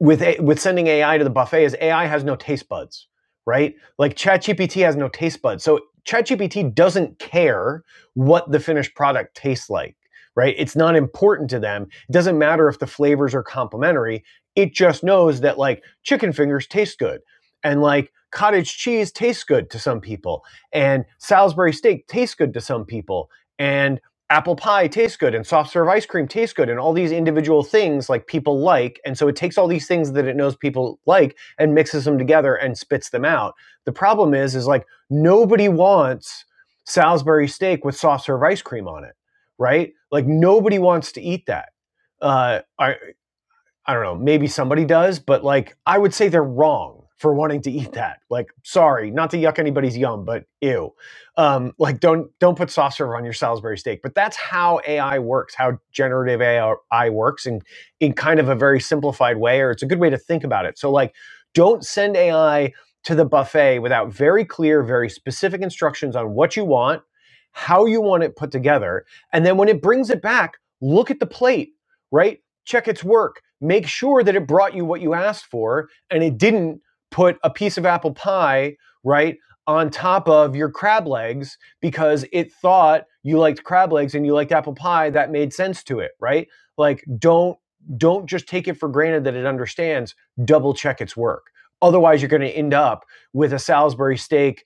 with a, with sending AI to the buffet is AI has no taste buds, right? Like ChatGPT has no taste buds. So ChatGPT doesn't care what the finished product tastes like, right? It's not important to them. It doesn't matter if the flavors are complementary. It just knows that like chicken fingers taste good and like cottage cheese tastes good to some people and Salisbury steak tastes good to some people and apple pie tastes good and soft serve ice cream tastes good and all these individual things like people like and so it takes all these things that it knows people like and mixes them together and spits them out the problem is is like nobody wants salisbury steak with soft serve ice cream on it right like nobody wants to eat that uh, I, I don't know, maybe somebody does, but like I would say they're wrong for wanting to eat that. Like, sorry, not to yuck anybody's yum, but ew. Um, like don't don't put soft serve on your Salisbury steak. But that's how AI works, how generative AI works in in kind of a very simplified way, or it's a good way to think about it. So like don't send AI to the buffet without very clear, very specific instructions on what you want, how you want it put together, and then when it brings it back, look at the plate right? check its work, make sure that it brought you what you asked for and it didn't put a piece of apple pie, right, on top of your crab legs because it thought you liked crab legs and you liked apple pie that made sense to it, right? Like don't don't just take it for granted that it understands, double check its work. Otherwise, you're going to end up with a Salisbury steak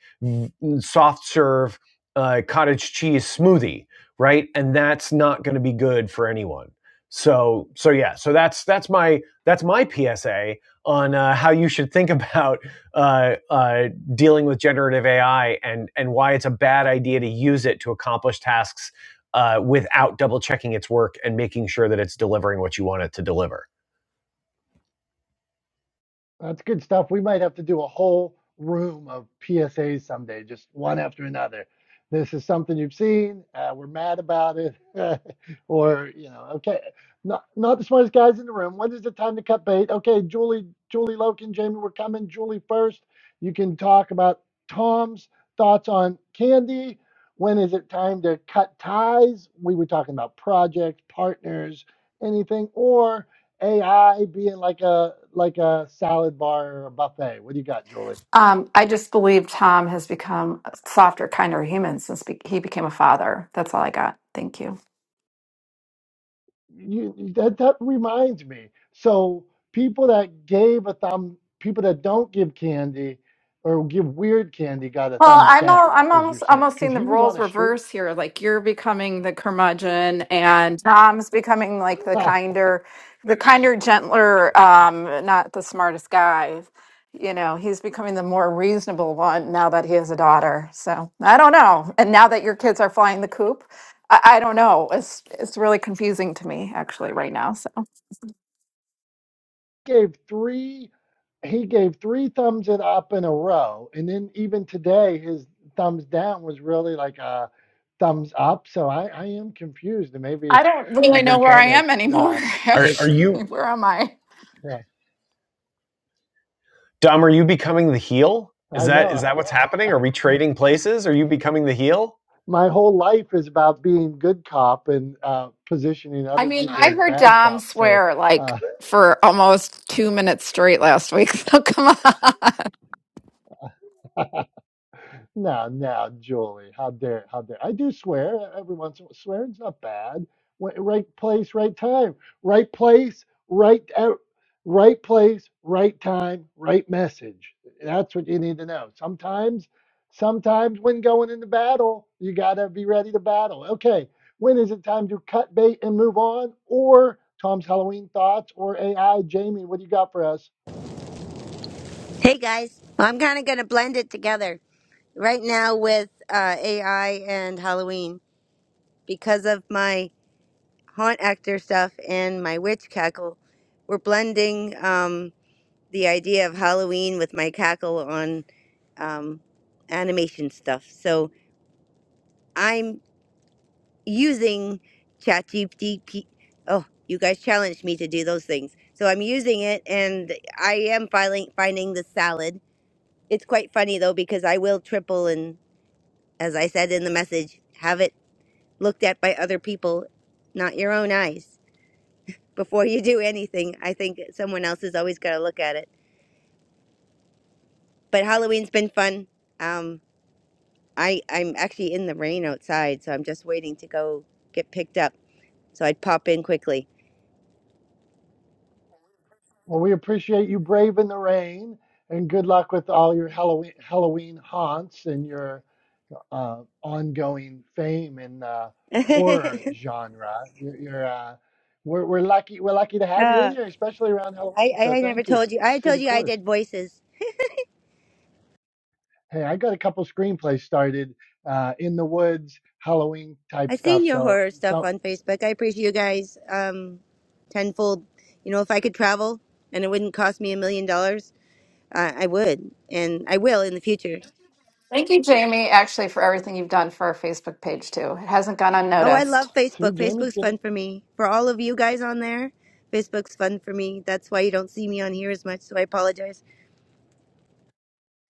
mm, soft serve uh, cottage cheese smoothie, right? And that's not going to be good for anyone so so yeah so that's that's my that's my psa on uh, how you should think about uh, uh, dealing with generative ai and and why it's a bad idea to use it to accomplish tasks uh, without double checking its work and making sure that it's delivering what you want it to deliver That's good stuff. We might have to do a whole room of PSAs someday, just one after another. This is something you've seen. Uh, we're mad about it, or you know, okay, not not the smartest guys in the room. When is the time to cut bait? Okay, Julie, Julie Loken, Jamie, we're coming. Julie first. You can talk about Tom's thoughts on candy. When is it time to cut ties? We were talking about projects, partners, anything, or AI being like a like a salad bar or a buffet. What do you got, Julie? Um, I just believe Tom has become a softer, kinder human since be- he became a father. That's all I got. Thank you. You that that reminds me. So people that gave a thumb, people that don't give candy or give weird candy got a Well, thumbs I'm all, down. I'm That was your almost saying almost because seeing the he was on roles a street. reverse here. Like you're becoming the curmudgeon, and Tom's becoming like the kinder, the kinder, gentler, um, not the smartest guy. You know, he's becoming the more reasonable one now that he has a daughter. So I don't know. And now that your kids are flying the coop, I, I don't know. It's it's really confusing to me actually right now. So. gave three. He gave three thumbs it up in a row, and then even today his thumbs down was really like a thumbs up. So I I am confused, and maybe I don't really I've been know where trying I to am anymore, uh, Are make are actually. you Where am I? Yeah, Dom? Are you becoming the heel? Is I that is know. that what's happening? Are we trading places? Are you becoming the heel? My whole life is about being good cop and uh, positioning I other mean, people I as heard bad Dom cops. So swear like uh, for almost two minutes straight last week. So come on. No, no, Julie, how dare, how dare! I do swear e, every once in a while. Swearing's not bad. Wh- Right place, right time. Right place, right out. Right place, right time, right message. That's what you need to know. Sometimes, sometimes when going into battle, you gotta be ready to battle. Okay, when is it time to cut bait and move on? Or Tom's Halloween thoughts or AI? Jamie, what do you got for us? Hey guys, Well, I'm kind of going to blend it together right now with uh, AI and Halloween because of my haunt actor stuff and my witch cackle. We're blending um, the idea of Halloween with my cackle on um, animation stuff. So I'm using ChatGPT. P- Oh, you guys challenged me to do those things, so I'm using it, and I am filing, finding the salad. It's quite funny though because I will triple and as I said in the message, have it looked at by other people, not your own eyes. Before you do anything, I think someone else has always got to look at it. But Halloween's been fun. Um, I, I'm actually in the rain outside, so I'm just waiting to go get picked up. So I'd pop in quickly. Well, we appreciate you braving the rain, and good luck with all your Halloween Halloween haunts and your uh, ongoing fame in the uh, horror genre. You're, you're uh, we're, we're lucky we're lucky to have you in I, here, especially around Halloween. I, So I never thank you. told you. I Stay told the you I course. did voices. Hey, I got a couple screenplays started uh, in the woods, Halloween i type seen stuff. your So horror stuff so on Facebook. I appreciate you guys um, tenfold. You know, if I could travel and it wouldn't cost me a million dollars, I, I would, and I will in the future. Thank you, Jamie, actually, for everything you've done for our Facebook page, too. It hasn't gone Oh, I unnoticed. love see, Facebook. Jamie's Facebook's getting. fun for me. For all of you guys on there, Facebook's fun for me. That's why you don't see me on here as much, so I apologize.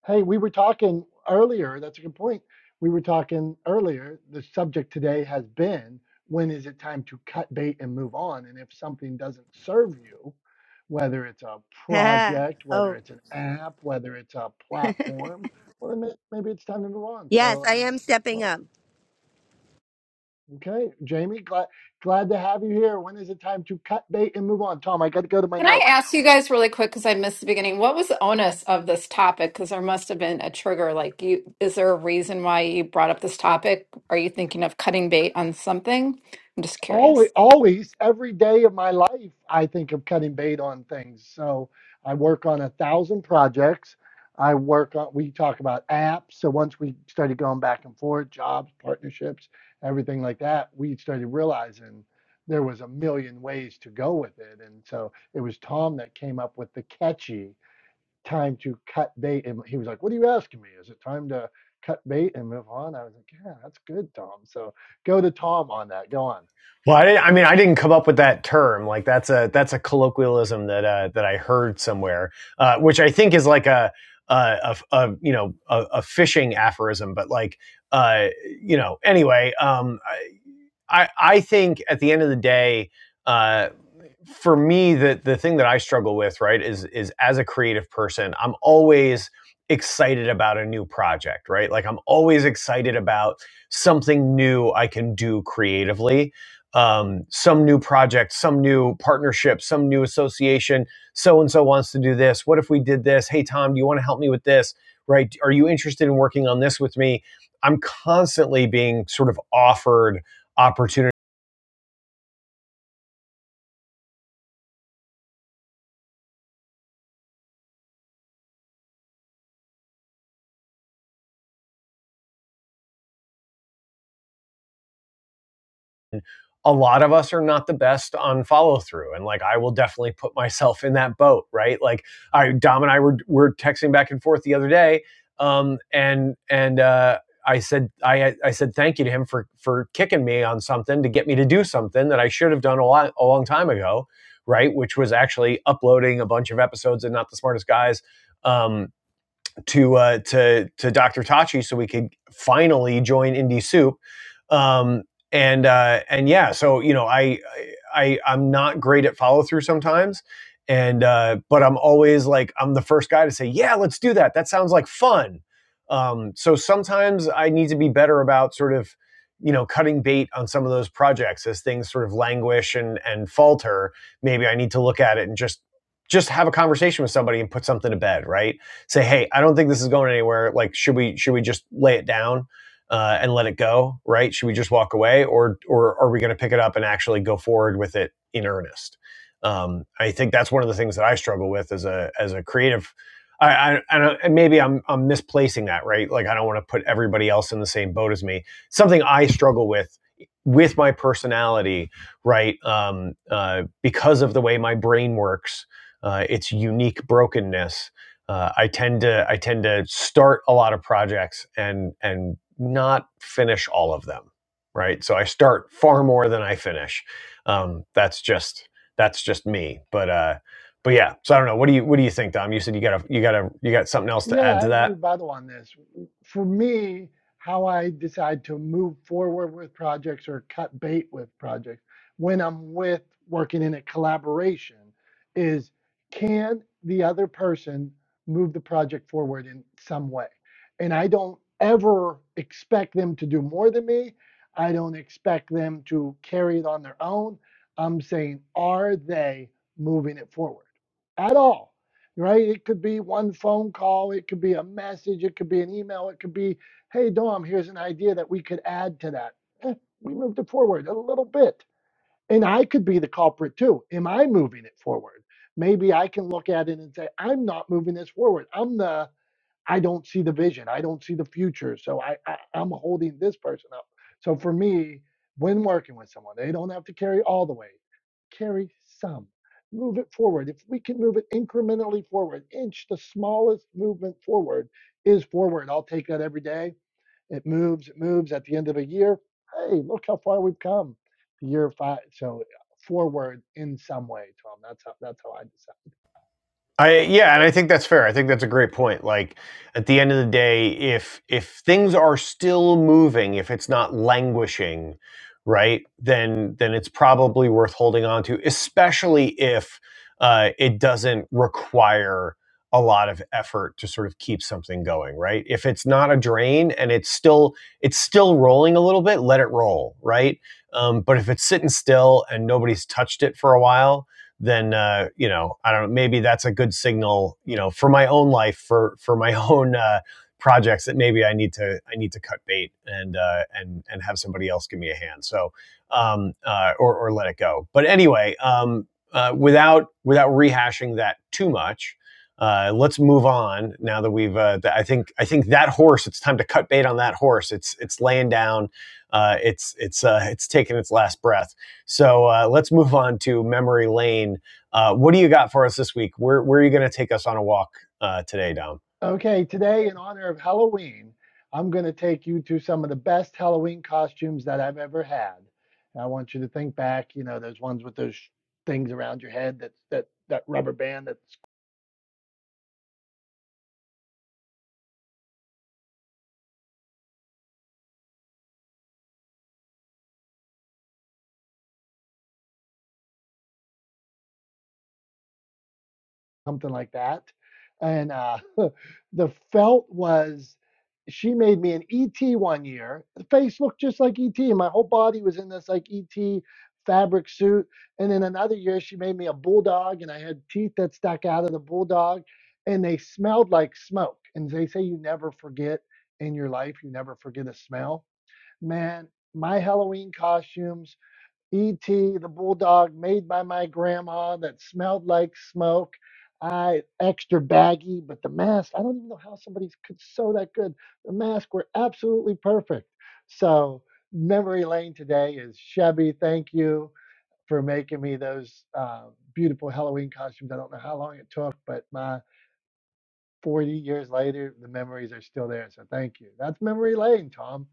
Hey, we were talking earlier. That's a good point. We were talking earlier. The subject today has been when is it time to cut bait and move on? And if something doesn't serve you, whether it's a project, whether oh, it's an app, whether it's a platform, well, then may- maybe it's time to move on. yes, So, I uh, am stepping well, up. okay, Jamie, glad glad to have you here. When is it time to cut bait and move on? Tom, I got to go to my Can I notes. ask you guys really quick because I missed the beginning? What was the onus of this topic? Because there must have been a trigger. Like, you, is there a reason why you brought up this topic? Are you thinking of cutting bait on something? I'm just curious. Always, always, every day of my life, I think of cutting bait on things. So I work on a thousand projects. I work on, we talk about apps. So once we started going back and forth, jobs, partnerships, everything like that, we started realizing there was a million ways to go with it. And so it was Tom that came up with the catchy time to cut bait. And he was like, What are you asking me? Is it time to cut bait and move on? I was like, Yeah, that's good, Tom. So go to Tom on that. Go on. Well, I, didn't, I mean, I didn't come up with that term. Like that's a that's a colloquialism that uh, that I heard somewhere, uh, which I think is like a a, a, a you know a, a fishing aphorism. But like uh, you know, anyway, um, I, I think at the end of the day, uh, for me, the the thing that I struggle with, right, is is as a creative person, I'm always excited about a new project, right? Like I'm always excited about something new I can do creatively. Um, some new project, some new partnership, some new association. So and so wants to do this. What if we did this? Hey, Tom, do you want to help me with this? Right? Are you interested in working on this with me? I'm constantly being sort of offered opportunities a lot of us are not the best on follow through. And like, I will definitely put myself in that boat, right? Like, I, Dom and I were, were texting back and forth the other day. Um, and, and, uh, I said, I, I said thank you to him for, for kicking me on something to get me to do something that I should have done a, lot, a long time ago, right? Which was actually uploading a bunch of episodes and Not the Smartest Guys um, to uh, to to Dr. Tachi so we could finally join Indie Soup. Um, and uh, and yeah, so you know, I I I- am not great at follow through sometimes, and uh, but I'm always like I'm the first guy to say, yeah, let's do that. That sounds like fun. Um, so sometimes I need to be better about sort of you know cutting bait on some of those projects as things sort of languish and and falter. Maybe I need to look at it and just just have a conversation with somebody and put something to bed, right? say, hey, I don't think this is going anywhere. Like, should we should we just lay it down uh, and let it go? Right? Should we just walk away, or or are we going to pick it up and actually go forward with it in earnest? Um, I think that's one of the things that I struggle with as a as a creative. I, I, I don't, and maybe I'm I'm misplacing that, right? Like I don't want to put everybody else in the same boat as me. Something I struggle with with my personality, right? Um, uh, because of the way my brain works, uh, its unique brokenness. Uh, I tend to I tend to start a lot of projects and and not finish all of them, right? So I start far more than I finish. Um, that's just that's just me. But uh, but yeah. So I don't know. What do you what do you think, Dom? You said you got a you got a you got something else to Yeah, add I to have a that? rebuttal on this. For me, how I decide to move forward with projects or cut bait with projects when I'm with working in a collaboration is can the other person move the project forward in some way? And I don't ever expect them to do more than me. I don't expect them to carry it on their own. I'm saying, are they moving it forward at all? right? It could be one phone call, it could be a message, it could be an email, it could be, hey, Dom, here's an idea that we could add to that. Eh, we moved it forward a little bit. And I could be the culprit too. Am I moving it forward? Maybe I can look at it and say, I'm not moving this forward. I'm the I don't see the vision. I don't see the future. So I, I I'm holding this person up. So for me, when working with someone, they don't have to carry all the weight. Carry some. Move it forward. If we can move it incrementally forward, inch the smallest movement forward is forward. I'll take that every day. It moves, it moves at the end of a year. Hey, look how far we've come. Year five. So forward in some way, Tom. That's how that's how I decide. I yeah, and I think that's fair. I think that's a great point. Like at the end of the day, if if things are still moving, if it's not languishing, right, then then it's probably worth holding on to, especially if uh, it doesn't require a lot of effort to sort of keep something going, right? If it's not a drain and it's still it's still rolling a little bit, let it roll, right? Um, but if it's sitting still and nobody's touched it for a while, then uh, you know I don't know. Maybe that's a good signal, you know, for my own life, for for my own uh, projects that maybe I need to I need to cut bait and uh, and and have somebody else give me a hand. So um, uh, or or let it go. But anyway, um, uh, without without rehashing that too much. Uh, let's move on now that we've. Uh, th- I think I think that horse. It's time to cut bait on that horse. It's it's laying down. Uh, it's it's uh, it's taking its last breath. So uh, let's move on to memory lane. Uh, what do you got for us this week? Where where are you going to take us on a walk uh, today, Dom? Okay, today, in honor of Halloween, I'm going to take you to some of the best Halloween costumes that I've ever had. And I want you to think back, you know, those ones with those sh- things around your head that that that rubber band that something like that. And uh, the felt was she made me an ET one year. The face looked just like ET, and my whole body was in this like ET fabric suit. And then another year, she made me a bulldog, and I had teeth that stuck out of the bulldog, and they smelled like smoke. And they say you never forget in your life, you never forget a smell. Man, my Halloween costumes. E.T., the bulldog made by my grandma that smelled like smoke. I extra baggy, but the mask, I don't even know how somebody could sew that good. The masks were absolutely perfect. So, memory lane today is Chevy. Thank you for making me those uh, beautiful Halloween costumes. I don't know how long it took, but my 40 years later, the memories are still there. So, thank you. That's memory lane, Tom.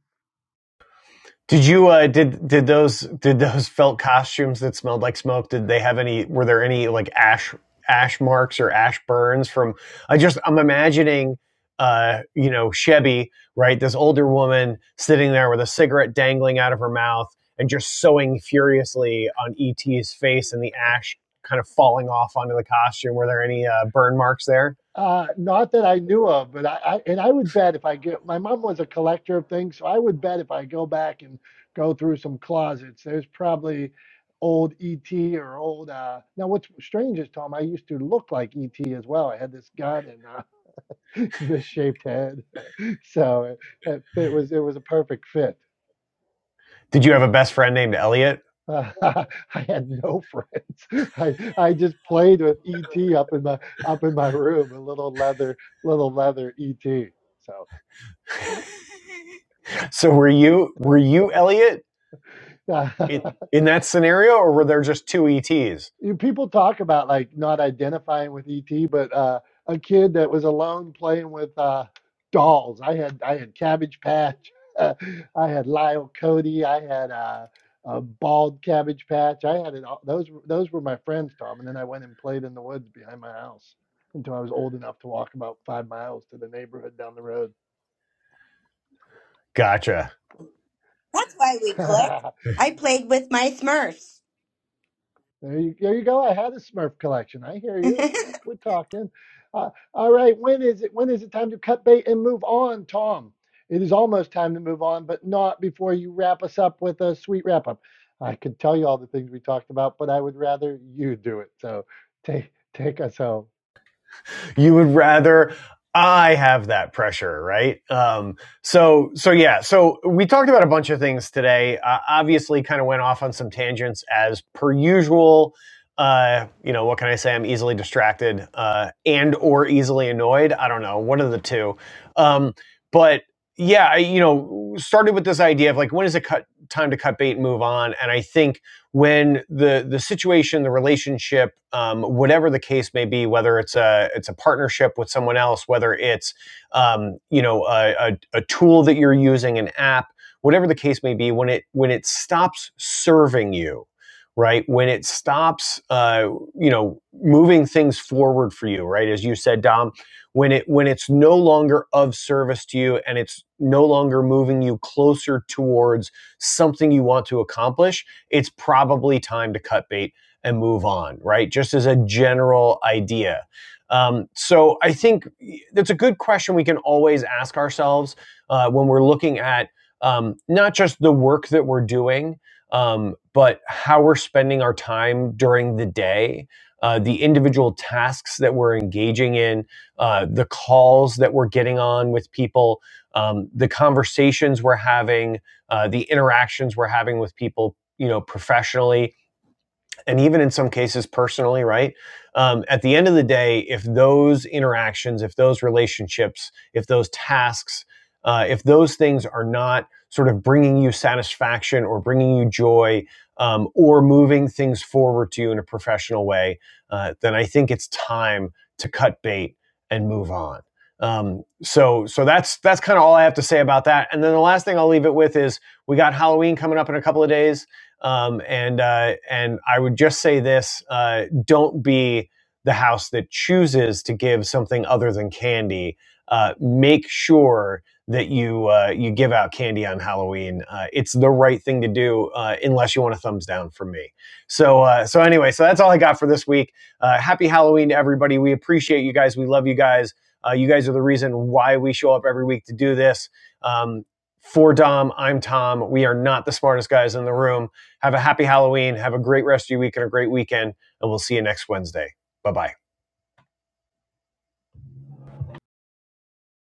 Did you uh, did did those did those felt costumes that smelled like smoke? Did they have any? Were there any like ash ash marks or ash burns from? I just I'm imagining. Uh, you know, Chevy, right? This older woman sitting there with a cigarette dangling out of her mouth and just sewing furiously on ET's face and the ash kind of falling off onto the costume? Were there any uh, burn marks there? Uh, not that I knew of, but I, I and I would bet if I get my mom was a collector of things, so I would bet if I go back and go through some closets, there's probably old ET or old uh now what's strange is Tom, I used to look like ET as well. I had this gut and uh, misshaped head. So it, it fit was it was a perfect fit. Did you have a best friend named Elliot? Uh, I had no friends. I I just played with ET up in my up in my room, a little leather little leather ET. So were you were you Elliot? So in, in that scenario, or were there just two ETs? you people talk about like not identifying with ET, but uh, a kid that was alone playing with uh, dolls. I had I had Cabbage Patch, I had Lyle Cody, I had uh, a bald Cabbage Patch. I had it. All, those were- those were my friends, Tom. And then I went and played in the woods behind my house until I was old enough to walk about five miles to the neighborhood down the road. Gotcha. That's why we click. I played with my Smurfs. There you, there you go. I had a Smurf collection. I hear you. We're, we're talking. Uh, all right. When is it? When is it time to cut bait and move on, Tom? It is almost time to move on, but not before you wrap us up with a sweet wrap up. I could tell you all the things we talked about, but I would rather you do it. So take take us home. you would rather I have that pressure, right? Um, so, so yeah, so we talked about a bunch of things today. Uh, obviously, kind of went off on some tangents as per usual. Uh, you know, what can I say? I'm easily distracted uh, and or easily annoyed. I don't know, one of the two. Um, but yeah, I, you know, started with this idea of like, when is it cut time to cut bait and move on? And I think when the the situation, the relationship, um, whatever the case may be, whether it's a it's a partnership with someone else, whether it's um, you know a, a, a tool that you're using, an app, whatever the case may be, when it when it stops serving you, right? When it stops, uh, you know, moving things forward for you, right? As you said, Dom, when it when it's no longer of service to you and it's no longer moving you closer towards something you want to accomplish it's probably time to cut bait and move on, right? Just as a general idea. Um, so I think that's a good question we can always ask ourselves uh, when we're looking at um, not just the work that we're doing, um, but how we're spending our time during the day, uh, the individual tasks that we're engaging in, uh, the calls that we're getting on with people, um, the conversations we're having, uh, the interactions we're having with people you know professionally and even in some cases personally right um, at the end of the day if those interactions if those relationships if those tasks uh, if those things are not sort of bringing you satisfaction or bringing you joy um, or moving things forward to you in a professional way uh, then i think it's time to cut bait and move on um, so so that's that's kind of all i have to say about that and then the last thing i'll leave it with is we got halloween coming up in a couple of days um, and uh, and I would just say this: uh, don't be the house that chooses to give something other than candy. Uh, make sure that you uh, you give out candy on Halloween. Uh, it's the right thing to do, uh, unless you want a thumbs down from me. So uh, so anyway, so that's all I got for this week. Uh, happy Halloween to everybody. We appreciate you guys. We love you guys. Uh, you guys are the reason why we show up every week to do this. Um, for Dom, I'm Tom. We are not the smartest guys in the room have a happy Halloween. Have a great rest of your week and a great weekend. And we'll see you next Wednesday. Bye bye.